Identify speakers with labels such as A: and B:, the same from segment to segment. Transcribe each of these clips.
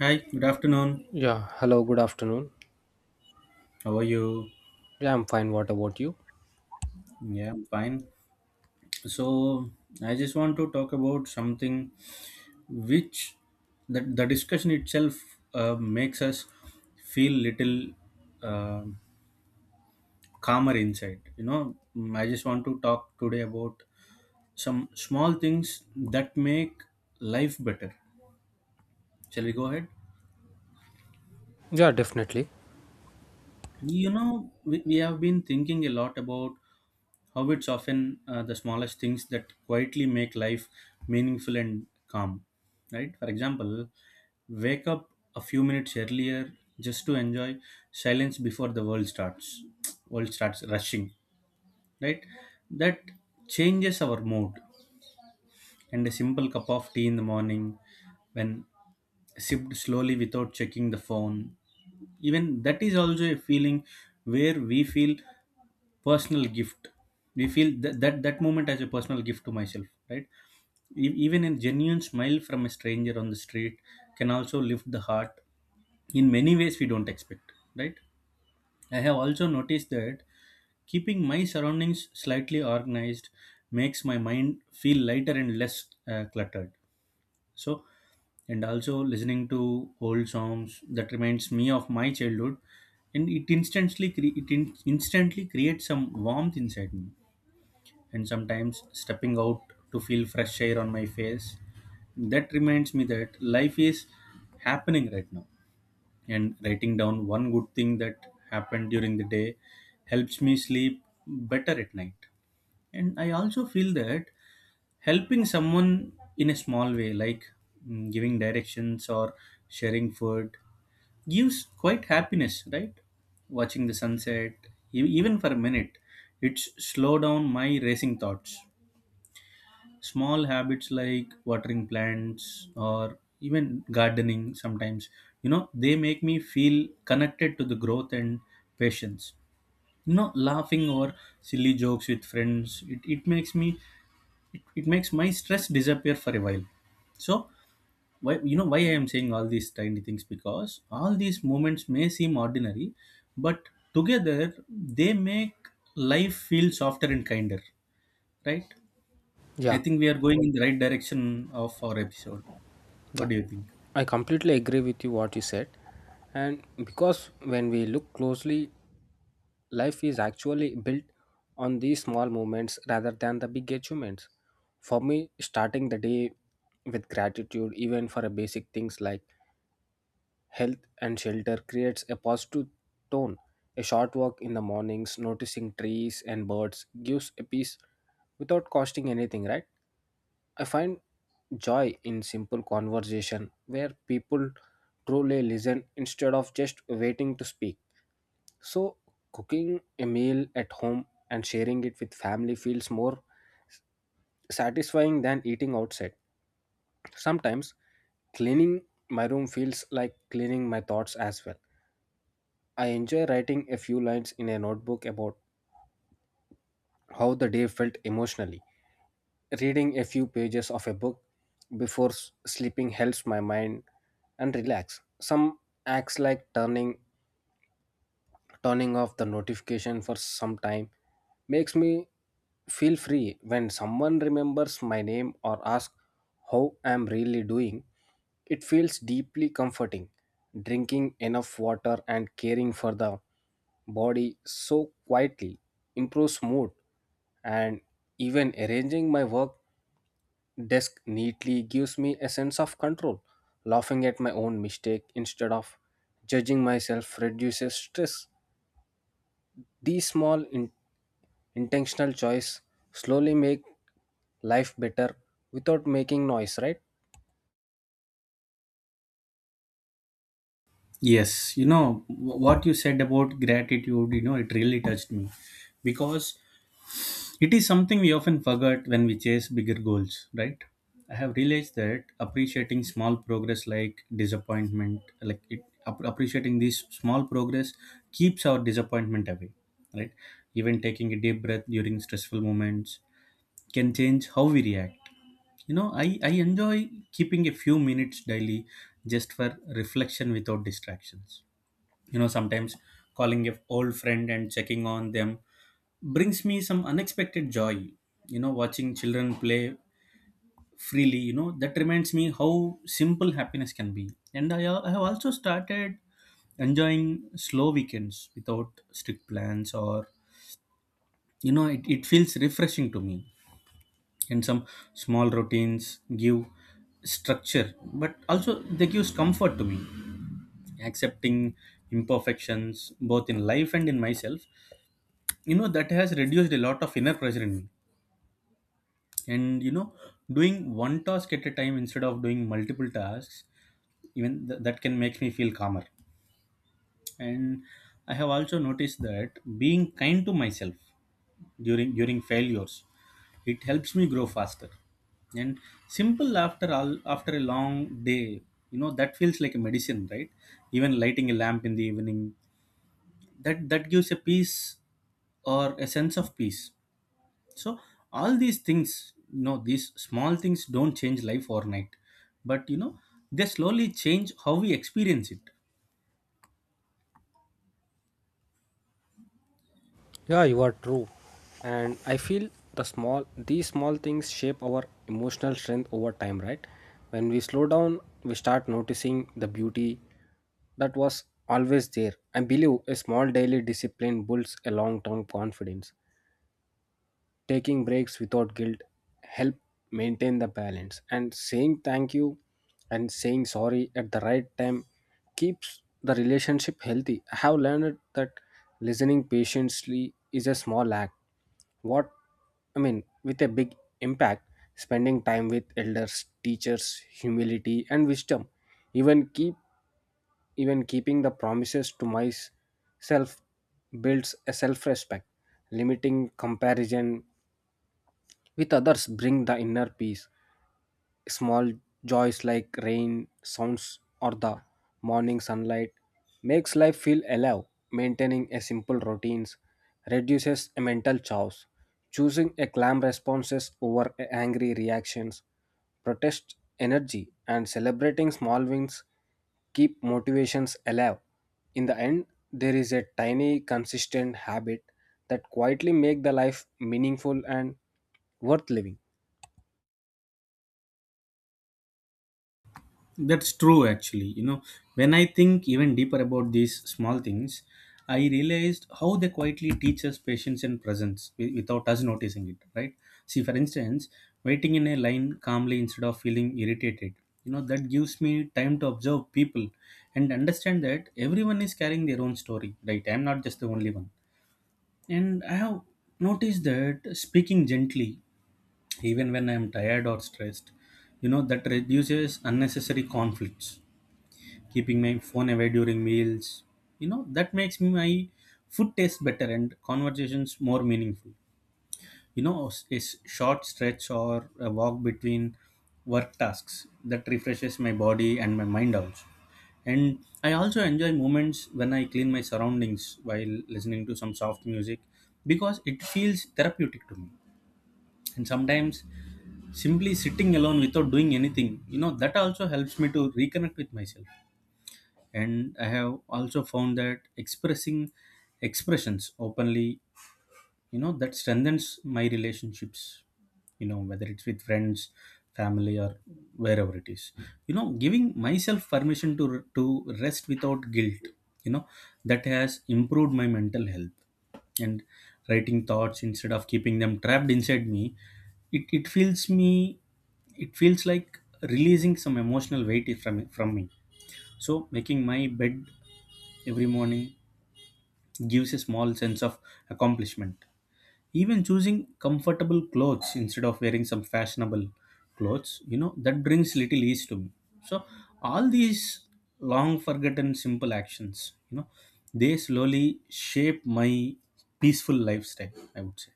A: Hi, good afternoon.
B: Yeah, hello, good afternoon.
A: How are you?
B: Yeah, I'm fine. What about you?
A: Yeah, I'm fine. So I just want to talk about something which the discussion itself makes us feel little uh, calmer inside. I just want to talk today about some small things that make life better. Shall we go ahead?
B: Yeah, definitely.
A: We have been thinking a lot about Hobbits often the smallest things that quietly make life meaningful and calm. Right? For example, wake up a few minutes earlier just to enjoy silence before the world starts. World starts rushing. Right? That changes our mood. And a simple cup of tea in the morning, when sipped slowly without checking the phone, even that is also a feeling where we feel personal gift. We feel that moment as a personal gift to myself, right? Even a genuine smile from a stranger on the street can also lift the heart in many ways we don't expect, right? I have also noticed that keeping my surroundings slightly organized makes my mind feel lighter and less cluttered. So, and also listening to old songs that reminds me of my childhood. And it instantly creates some warmth inside me. And sometimes stepping out to feel fresh air on my face. That reminds me that life is happening right now, and writing down one good thing that happened during the day helps me sleep better at night. And I also feel that helping someone in a small way, like giving directions or sharing food, gives quite happiness, right? Watching the sunset, even for a minute, it's slow down my racing thoughts. Small habits like watering plants or even gardening sometimes, they make me feel connected to the growth and patience. Laughing or silly jokes with friends, it makes my stress disappear for a while. So, why you know why I am saying all these tiny things, because all these moments may seem ordinary, but together they make life feel softer and kinder, right?
B: Yeah,
A: I think we are going in the right direction of our episode.
B: yeah.
A: What do you think?
B: I completely agree with you what you said. And because when we look closely, life is actually built on these small moments rather than the big achievements. For me, starting the day with gratitude, even for a basic things like health and shelter, creates a positive tone. A short walk in the mornings, noticing trees and birds gives a peace without costing anything, right? I find joy in simple conversation where people truly listen instead of just waiting to speak. So, cooking a meal at home and sharing it with family feels more satisfying than eating outside. Sometimes, cleaning my room feels like cleaning my thoughts as well. I enjoy writing a few lines in a notebook about how the day felt emotionally. Reading a few pages of a book before sleeping helps my mind and relax. Some acts like turning off the notification for some time makes me feel free when someone remembers my name or asks how I'm really doing. It feels deeply comforting. Drinking enough water and caring for the body so quietly improves mood, and even arranging my work desk neatly gives me a sense of control. Laughing at my own mistake instead of judging myself reduces stress. These small intentional choices slowly make life better without making noise, right?
A: Yes, you know what you said about gratitude, it really touched me because it is something we often forget when we chase bigger goals, right? I have realized that appreciating this small progress keeps our disappointment away, right? Even taking a deep breath during stressful moments can change how we react. I enjoy keeping a few minutes daily just for reflection without distractions. Sometimes calling a old friend and checking on them brings me some unexpected joy. Watching children play freely, that reminds me how simple happiness can be. And I have also started enjoying slow weekends without strict plans, or, it feels refreshing to me. And some small routines give structure, but also they gives comfort to me. Accepting imperfections both in life and in myself, that has reduced a lot of inner pressure in me. And doing one task at a time instead of doing multiple tasks, even that can make me feel calmer. And I have also noticed that being kind to myself during failures, it helps me grow faster. And simple after a long day, that feels like a medicine, right? Even lighting a lamp in the evening, that gives a peace or a sense of peace. So, all these things, these small things don't change life overnight, but they slowly change how we experience it.
B: Yeah, you are true. And I feel these small things shape our emotional strength over time, right? When we slow down, we start noticing the beauty that was always there. I believe a small daily discipline builds a long-term confidence. Taking breaks without guilt help maintain the balance, and saying thank you and saying sorry at the right time keeps the relationship healthy. I have learned that listening patiently is a small act. What I mean with a big impact, spending time with elders, teachers, humility and wisdom. Even keep even keeping the promises to myself builds a self-respect, limiting comparison with others bring the inner peace. Small joys like rain, sounds, or the morning sunlight makes life feel alive. Maintaining a simple routines reduces a mental chaos. Choosing a calm responses over a angry reactions protest energy, and celebrating small wins keep motivations alive. In the end, there is a tiny consistent habit that quietly make the life meaningful and worth living.
A: That's true, actually. When I think even deeper about these small things, I realized how they quietly teach us patience and presence without us noticing it, right? See, for instance, waiting in a line calmly instead of feeling irritated, that gives me time to observe people and understand that everyone is carrying their own story, right? I'm not just the only one. And I have noticed that speaking gently, even when I'm tired or stressed, that reduces unnecessary conflicts. Keeping my phone away during meals, that makes my food taste better and conversations more meaningful. A short stretch or a walk between work tasks that refreshes my body and my mind also. And I also enjoy moments when I clean my surroundings while listening to some soft music because it feels therapeutic to me. And sometimes simply sitting alone without doing anything, that also helps me to reconnect with myself. And I have also found that expressing expressions openly, that strengthens my relationships, whether it's with friends, family, or wherever it is. Giving myself permission to rest without guilt, you know that has improved my mental health. And writing thoughts instead of keeping them trapped inside me, it, it feels me it feels like releasing some emotional weight from me. So, making my bed every morning gives a small sense of accomplishment. Even choosing comfortable clothes instead of wearing some fashionable clothes, that brings little ease to me. So, all these long forgotten simple actions, they slowly shape my peaceful lifestyle, I would say.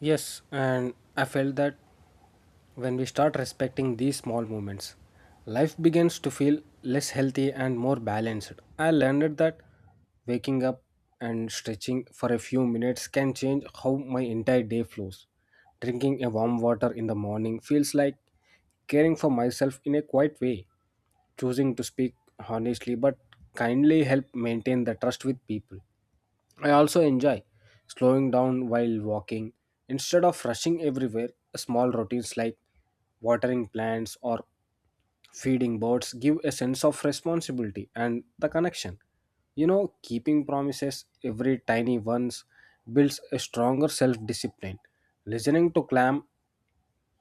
B: Yes, and I felt that when we start respecting these small movements, life begins to feel less healthy and more balanced. I learned that waking up and stretching for a few minutes can change how my entire day flows. Drinking a warm water in the morning feels like caring for myself in a quiet way. Choosing to speak honestly but kindly help maintain the trust with people. I also enjoy slowing down while walking. Instead of rushing everywhere, small routines like watering plants or feeding birds give a sense of responsibility and the connection. You know, keeping promises, every tiny ones, builds a stronger self discipline. Listening to clam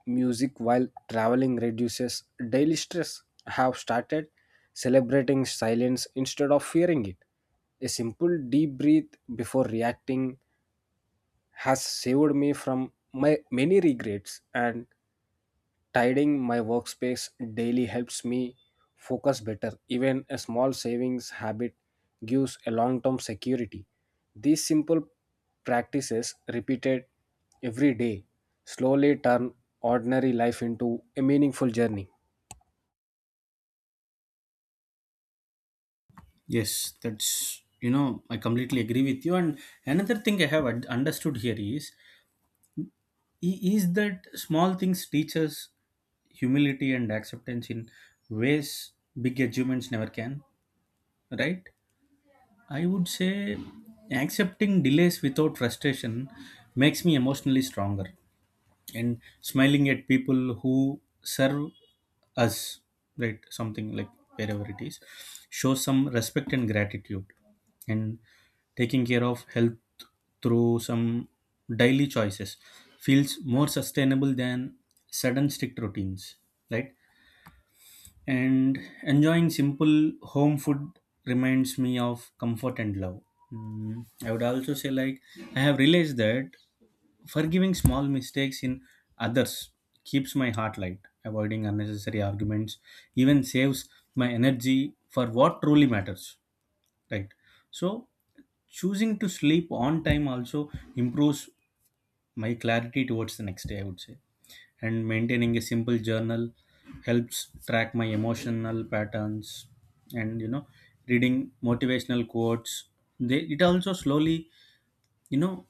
B: music while traveling reduces daily stress. I have started celebrating silence instead of fearing it. A simple deep breath before reacting has saved me from my many regrets, and tidying my workspace daily helps me focus better. Even a small savings habit gives a long term security. These simple practices, repeated every day, slowly turn ordinary life into a meaningful journey.
A: Yes, that's, I completely agree with you. And another thing I have understood here is that small things teach us humility and acceptance in ways big achievements never can, right? I would say accepting delays without frustration makes me emotionally stronger, and smiling at people who serve us, right? Something like, wherever it is, shows some respect and gratitude. And taking care of health through some daily choices feels more sustainable than sudden strict routines, right? And enjoying simple home food reminds me of comfort and love. I would also say, like, I have realized that forgiving small mistakes in others keeps my heart light. Avoiding unnecessary arguments, even saves my energy for what truly matters, right? So, choosing to sleep on time also improves my clarity towards the next day, I would say. And maintaining a simple journal helps track my emotional patterns, and reading motivational quotes, they it also slowly, you know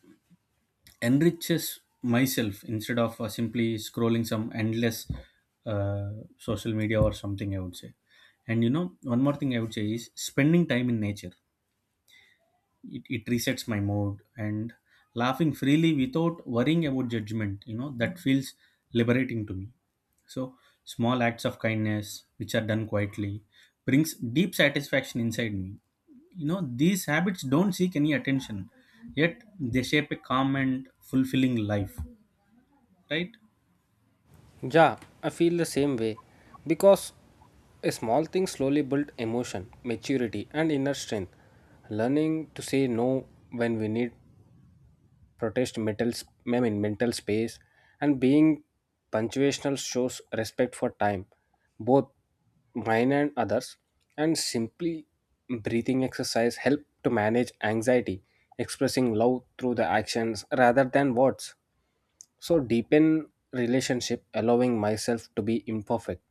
A: enriches myself instead of simply scrolling some endless uh, social media or something, I would say. And one more thing I would say is spending time in nature. It resets my mood. And laughing freely without worrying about judgment, that feels liberating to me. So, small acts of kindness which are done quietly brings deep satisfaction inside me. These habits don't seek any attention, yet they shape a calm and fulfilling life, right?
B: Yeah, I feel the same way because a small thing slowly build emotion, maturity, and inner strength. Learning to say no when we need protest I mean, mental space, and being punctuational shows respect for time, both mine and others, and simply breathing exercise help to manage anxiety, expressing love through the actions rather than words so deepen relationship, allowing myself to be imperfect,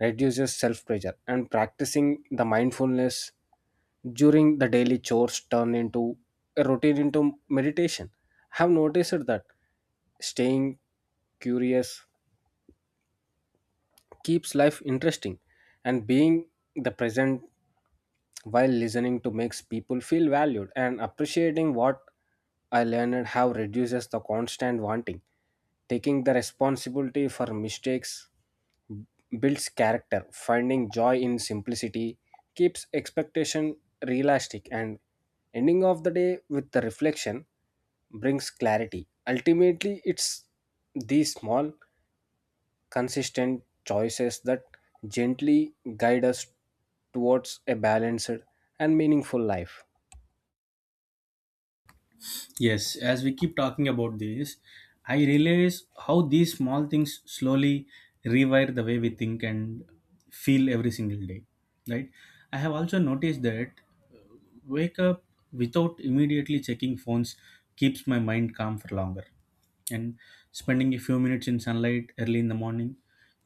B: reduces self pressure, and practicing the mindfulness during the daily chores turn into a routine into meditation. I have noticed that staying curious keeps life interesting, and being the present while listening to makes people feel valued, and appreciating what I learned how reduces the constant wanting, taking the responsibility for mistakes builds character, finding joy in simplicity keeps expectation realistic, and ending of the day with the reflection brings clarity. Ultimately, it's these small consistent choices that gently guide us towards a balanced and meaningful life.
A: Yes, as we keep talking about this, I realize how these small things slowly rewire the way we think and feel every single day, right? I have also noticed that uh, wake up without immediately checking phones keeps my mind calm for longer. And spending a few minutes in sunlight early in the morning,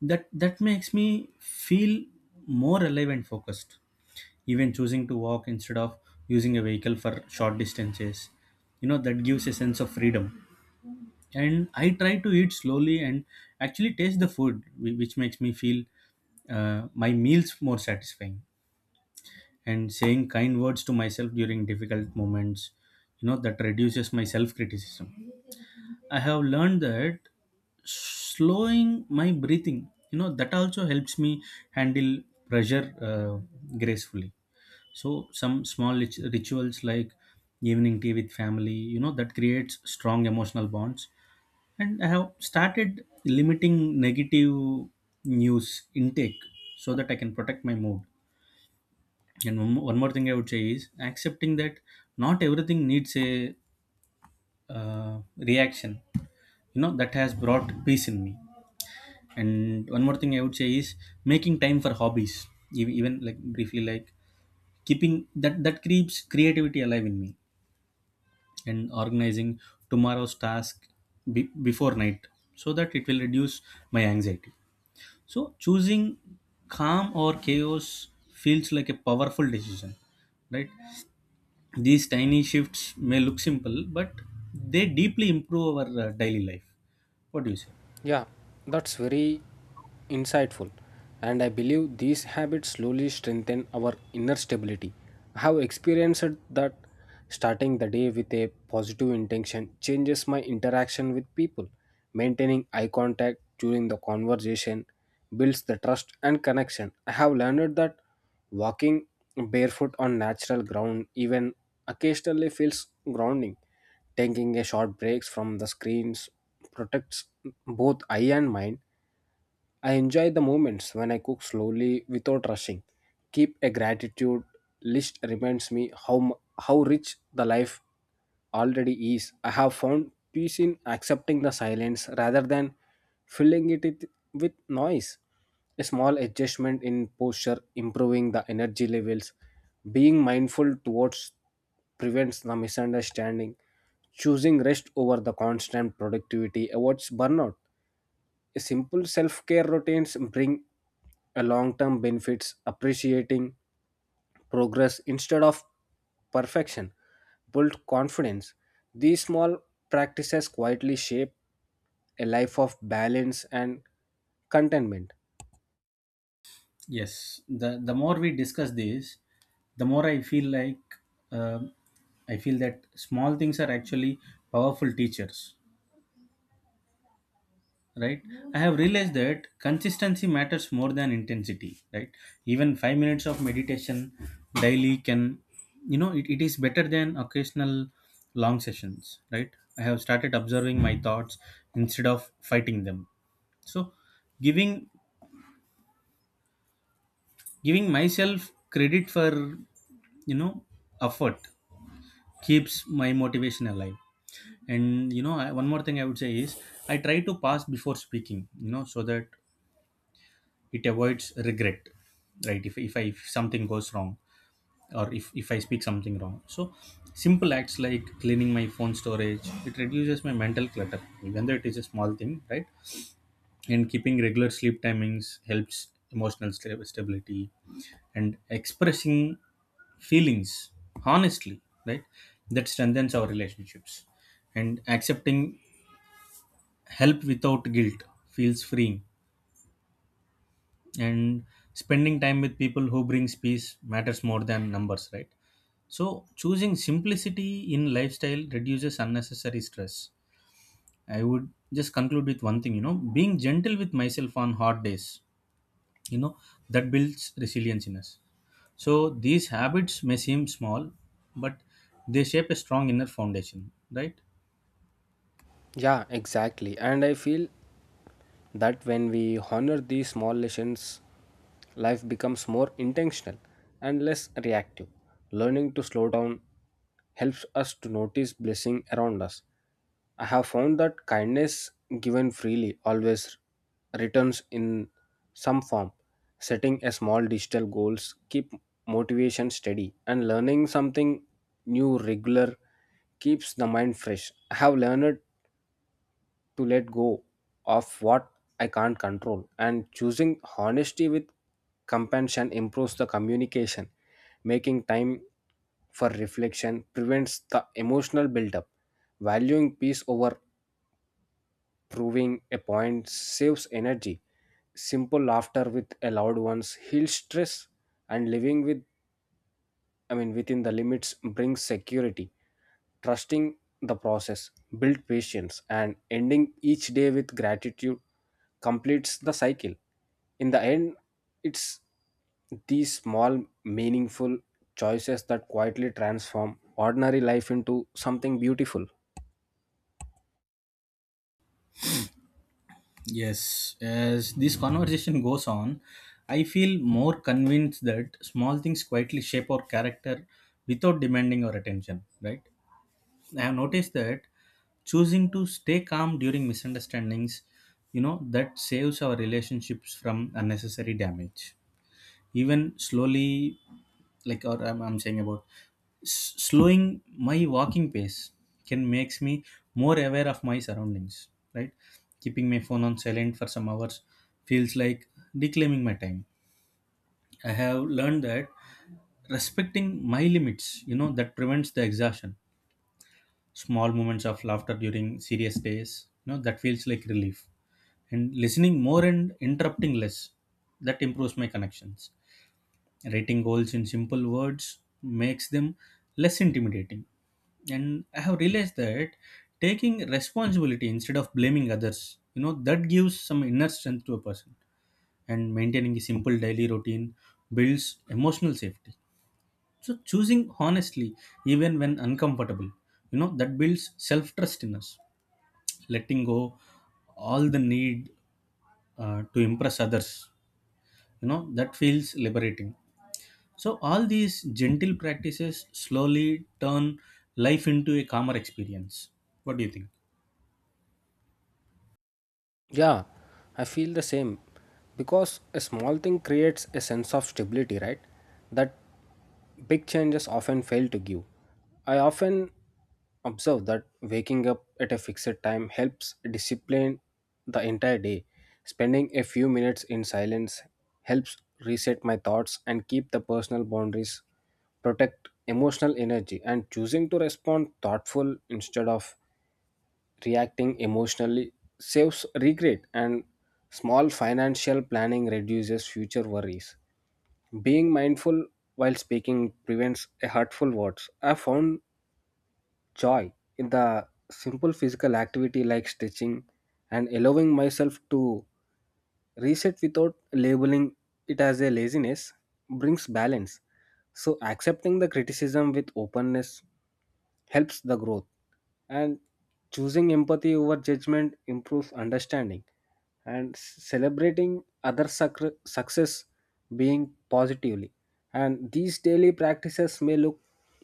A: that makes me feel more alive and focused. Even choosing to walk instead of using a vehicle for short distances, that gives a sense of freedom. And I try to eat slowly and actually taste the food, which makes me feel my meals more satisfying. And saying kind words to myself during difficult moments, that reduces my self criticism. I have learned that slowing my breathing, that also helps me handle pressure gracefully. So, some small rituals like evening tea with family, that creates strong emotional bonds. And I have started limiting negative news intake so that I can protect my mood. And one more thing I would say is accepting that not everything needs a reaction, that has brought peace in me. And one more thing I would say is making time for hobbies, even like briefly, like keeping that that keeps creativity alive in me. And organizing tomorrow's task before night, so that it will reduce my anxiety. So, choosing calm or chaos feels like a powerful decision, right? These tiny shifts may look simple, but they deeply improve our daily life. What do you say?
B: Yeah, that's very insightful. And I believe these habits slowly strengthen our inner stability. I have experienced that starting the day with a positive intention changes my interaction with people. Maintaining eye contact during the conversation builds the trust and connection. I have learned that walking barefoot on natural ground, even occasionally, feels grounding. Taking a short breaks from the screens protects both eye and mind. I enjoy the moments when I cook slowly without rushing. Keep a gratitude list reminds me how rich the life already is. I have found peace in accepting the silence rather than filling it with noise. A small adjustment in posture, improving the energy levels, being mindful towards prevents the misunderstanding, choosing rest over the constant productivity avoids burnout. Simple self care routines bring a long term benefits, appreciating progress instead of perfection, build confidence. These small practices quietly shape a life of balance and contentment.
A: Yes, the more we discuss this, the more um I feel that small things are actually powerful teachers, right? I have realized that consistency matters more than intensity, right? Even 5 minutes of meditation daily can. It is better than occasional long sessions, right? I have started observing my thoughts instead of fighting them. So, giving giving myself credit for you know effort keeps my motivation alive. And One more thing I would say is I try To pass before speaking, you know, so that it avoids regret, right? If something goes wrong or if I speak something wrong. So simple acts like cleaning my phone storage, it reduces my mental clutter, even though it is a small thing, right? And keeping regular sleep timings helps emotional stability, and expressing feelings honestly, right? That strengthens our relationships. And accepting help without guilt feels freeing. And spending time with people who brings peace matters more than numbers, right? So choosing simplicity in lifestyle reduces unnecessary stress. I would just conclude with one thing, being gentle with myself on hard days, you know that builds resilience in us. So these habits may seem small, but they shape a strong inner foundation, right?
B: Yeah, exactly. And I feel that when we honor these small lessons, life becomes more intentional and less reactive. Learning to slow down helps us to notice blessing around us. I have found that kindness given freely always returns in some form. Setting a small digital goals keep motivation steady, and learning something new regular keeps the mind fresh. I have learned to let go of what I can't control. And choosing honesty with compassion improves the communication, making time for reflection prevents the emotional buildup. Valuing peace over proving a point saves energy. Simple laughter with a loved ones heals stress, and living with, I mean, within the limits brings security. Trusting the process, build patience, and ending each day with gratitude completes the cycle. In the end, it's these small, meaningful choices that quietly transform ordinary life into something beautiful.
A: Yes, as this conversation goes on, I feel more convinced that small things quietly shape our character without demanding our attention, right? I have noticed that choosing to stay calm during misunderstandings, you know, that saves our relationships from unnecessary damage. Even slowly, like, or I'm saying about slowing my walking pace can makes me more aware of my surroundings, right? Keeping my phone on silent for some hours feels like reclaiming my time. I have learned that respecting my limits, that prevents the exhaustion. Small moments of laughter during serious days, that feels like relief. And listening more and interrupting less, that improves my connections. Writing goals in simple words makes them less intimidating. And I have realized that taking responsibility instead of blaming others, you know, that gives some inner strength to a person. And maintaining a simple daily routine builds emotional safety. So choosing honestly, even when uncomfortable, you know, that builds self trust in us. Letting go all the need to impress others, you know, that feels liberating. So, all these gentle practices slowly turn life into a calmer experience. What do you think?
B: Yeah, I feel the same because a small thing creates a sense of stability, right? That big changes often fail to give. I often observe that waking up at a fixed time helps discipline the entire day. Spending a few minutes in silence helps reset my thoughts, and keep the personal boundaries, protect emotional energy, and choosing to respond thoughtful instead of reacting emotionally saves regret, and small financial planning reduces future worries. Being mindful while speaking prevents a hurtful words. I found joy in the simple physical activity like stretching, and allowing myself to reset without labeling it as a laziness brings balance, so accepting the criticism with openness helps the growth, and choosing empathy over judgment improves understanding, and celebrating success being positively, and these daily practices may look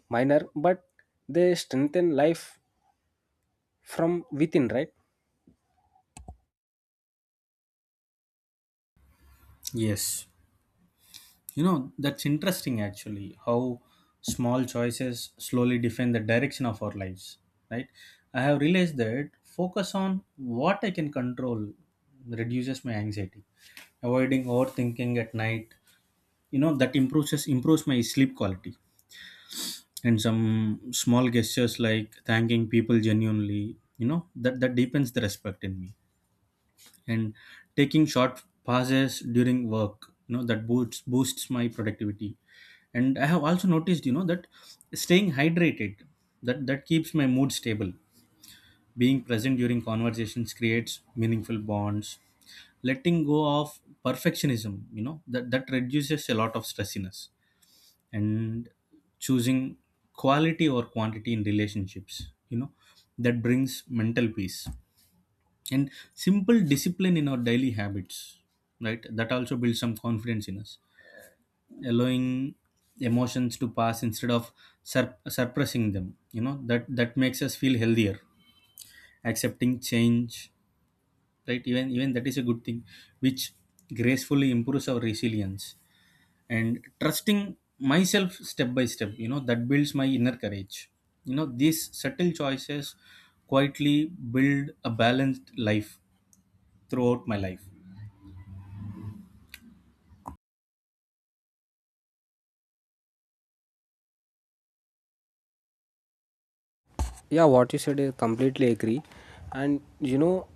B: minor, but they strengthen life from within, right?
A: Yes. You know, that's interesting actually, how small choices slowly define the direction of our lives, right? I have realized that focus on what I can control reduces my anxiety. Avoiding overthinking at night, you know, that improves my sleep quality. And some small gestures like thanking people genuinely, you know, that deepens the respect in me. And taking short pauses during work, you know, that boosts my productivity. And I have also noticed, you know, that staying hydrated, that keeps my mood stable. Being present during conversations creates meaningful bonds. Letting go of perfectionism, you know, that reduces a lot of stressiness. And choosing quality or quantity in relationships, you know, that brings mental peace. And simple discipline in our daily habits, right, that also builds some confidence in us. Allowing emotions to pass instead of suppressing them, you know, that makes us feel healthier. Accepting change, right, even that is a good thing, which gracefully improves our resilience. And trusting myself step by step, you know, that builds my inner courage. You know, these subtle choices quietly build a balanced life throughout my life.
B: Yeah, what you said is completely agree, and you know,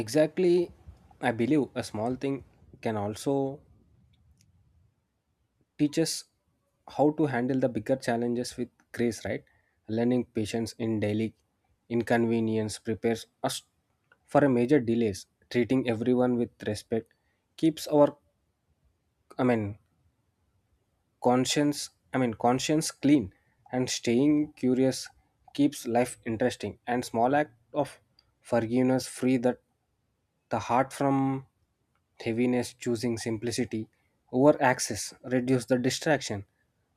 B: exactly, I believe a small thing can also teaches how to handle the bigger challenges with grace, right? Learning patience in daily inconvenience prepares us for a major delays. Treating everyone with respect keeps our, I mean, conscience, I mean, conscience clean, and staying curious keeps life interesting, and small act of forgiveness free that the heart from heaviness, choosing simplicity over access reduce the distraction.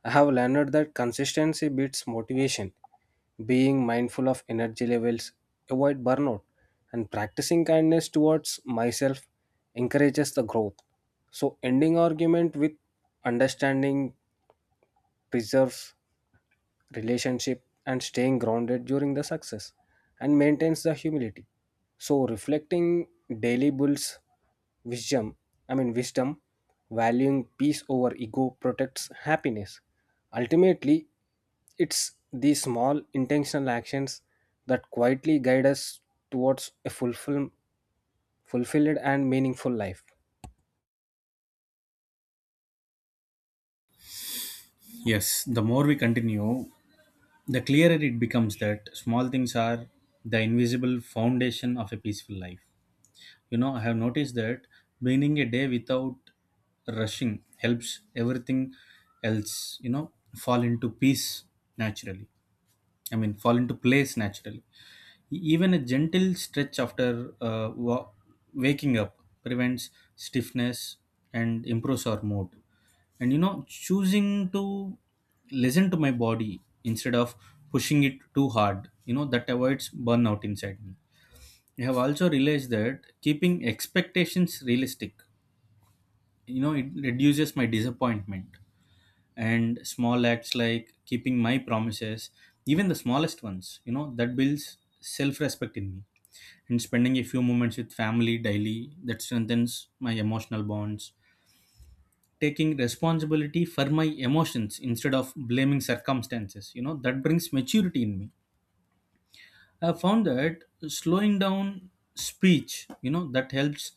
B: I have learned that consistency beats motivation, being mindful of energy levels, avoid burnout, and practicing kindness towards myself encourages the growth. So, ending argument with understanding preserves relationship, and staying grounded during the success and maintains the humility, so reflecting daily builds wisdom, I mean, wisdom, valuing peace over ego protects happiness. Ultimately, it's these small intentional actions that quietly guide us towards a fulfilled and meaningful life.
A: Yes, the more we continue, the clearer it becomes that small things are the invisible foundation of a peaceful life. You know, I have noticed that beginning a day without rushing helps everything else, you know, fall into peace naturally. I mean, fall into place naturally. Even a gentle stretch after waking up prevents stiffness and improves our mood. And you know, choosing to listen to my body instead of pushing it too hard, you know, that avoids burnout inside me. I have also realized that keeping expectations realistic, you know, it reduces my disappointment. And small acts like keeping my promises, even the smallest ones, you know, that builds self respect in me. And spending a few moments with family daily, that strengthens my emotional bonds. Taking responsibility for my emotions instead of blaming circumstances, you know, that brings maturity in me. I found that slowing down speech, you know, that helps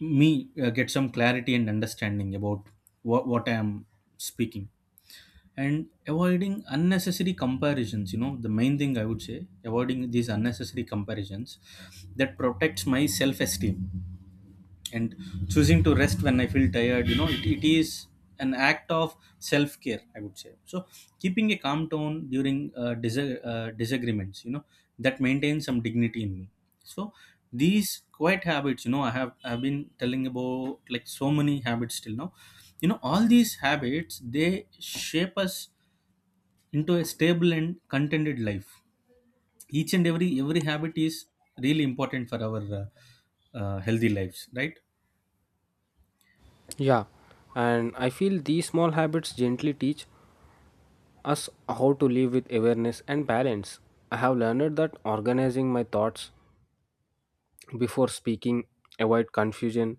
A: me get some clarity and understanding about what I am speaking. And avoiding unnecessary comparisons, you know, the main thing I would say, avoiding these unnecessary comparisons, that protects my self esteem. And choosing to rest when I feel tired, you know, it is an act of self-care, I would say. So keeping a calm tone during disagreements, you know, that maintains some dignity in me. So these quiet habits, you know, I have, I've been telling about like so many habits till now, you know, all these habits, they shape us into a stable and contented life. Each and every habit is really important for our healthy lives, right?
B: Yeah, and I feel these small habits gently teach us how to live with awareness and balance. I have learned that organizing my thoughts before speaking avoid confusion,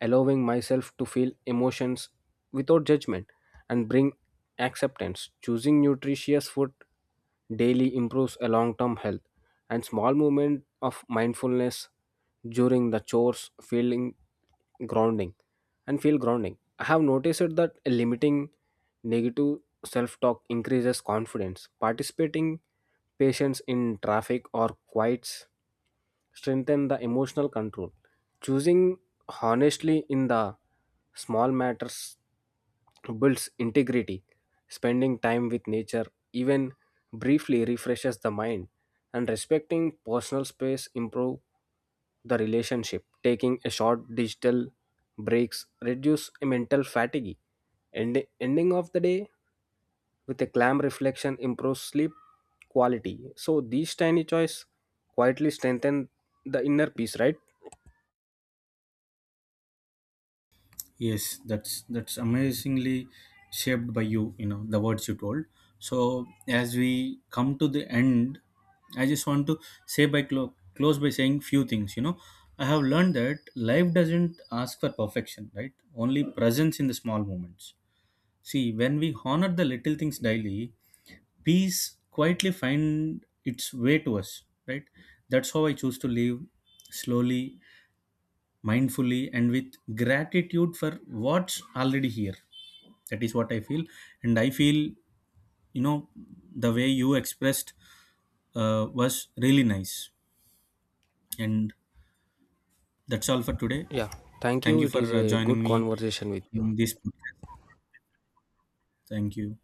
B: allowing myself to feel emotions without judgment and bring acceptance. Choosing nutritious food daily improves a long-term health, and small movement of mindfulness during the chores grounding feel grounding. I have noticed that limiting negative self-talk increases confidence. Participating patients in traffic or quiets strengthen the emotional control, choosing honestly in the small matters builds integrity, spending time with nature even briefly refreshes the mind, and respecting personal space improve the relationship, taking a short digital breaks reduce mental fatigue, and ending of the day with a clam reflection improves sleep quality. So these tiny choice quietly strengthen the inner peace, right?
A: Yes, that's amazingly shaped by you, you know, the words you told. So as we come to the end, I just want to say by close by saying few things, you know. I have learned that life doesn't ask for perfection, right? Only presence in the small moments. See, when we honor the little things daily, peace quietly find its way to us, right? That's how I choose to live slowly, mindfully, and with gratitude for what's already here. That is what I feel. And I feel, you know, the way you expressed, was really nice. And that's all for today.
B: Yeah. Thank
A: Thank
B: you.
A: you
B: It
A: for
B: is a
A: joining
B: good
A: me
B: conversation with you.
A: in this podcast. Thank you.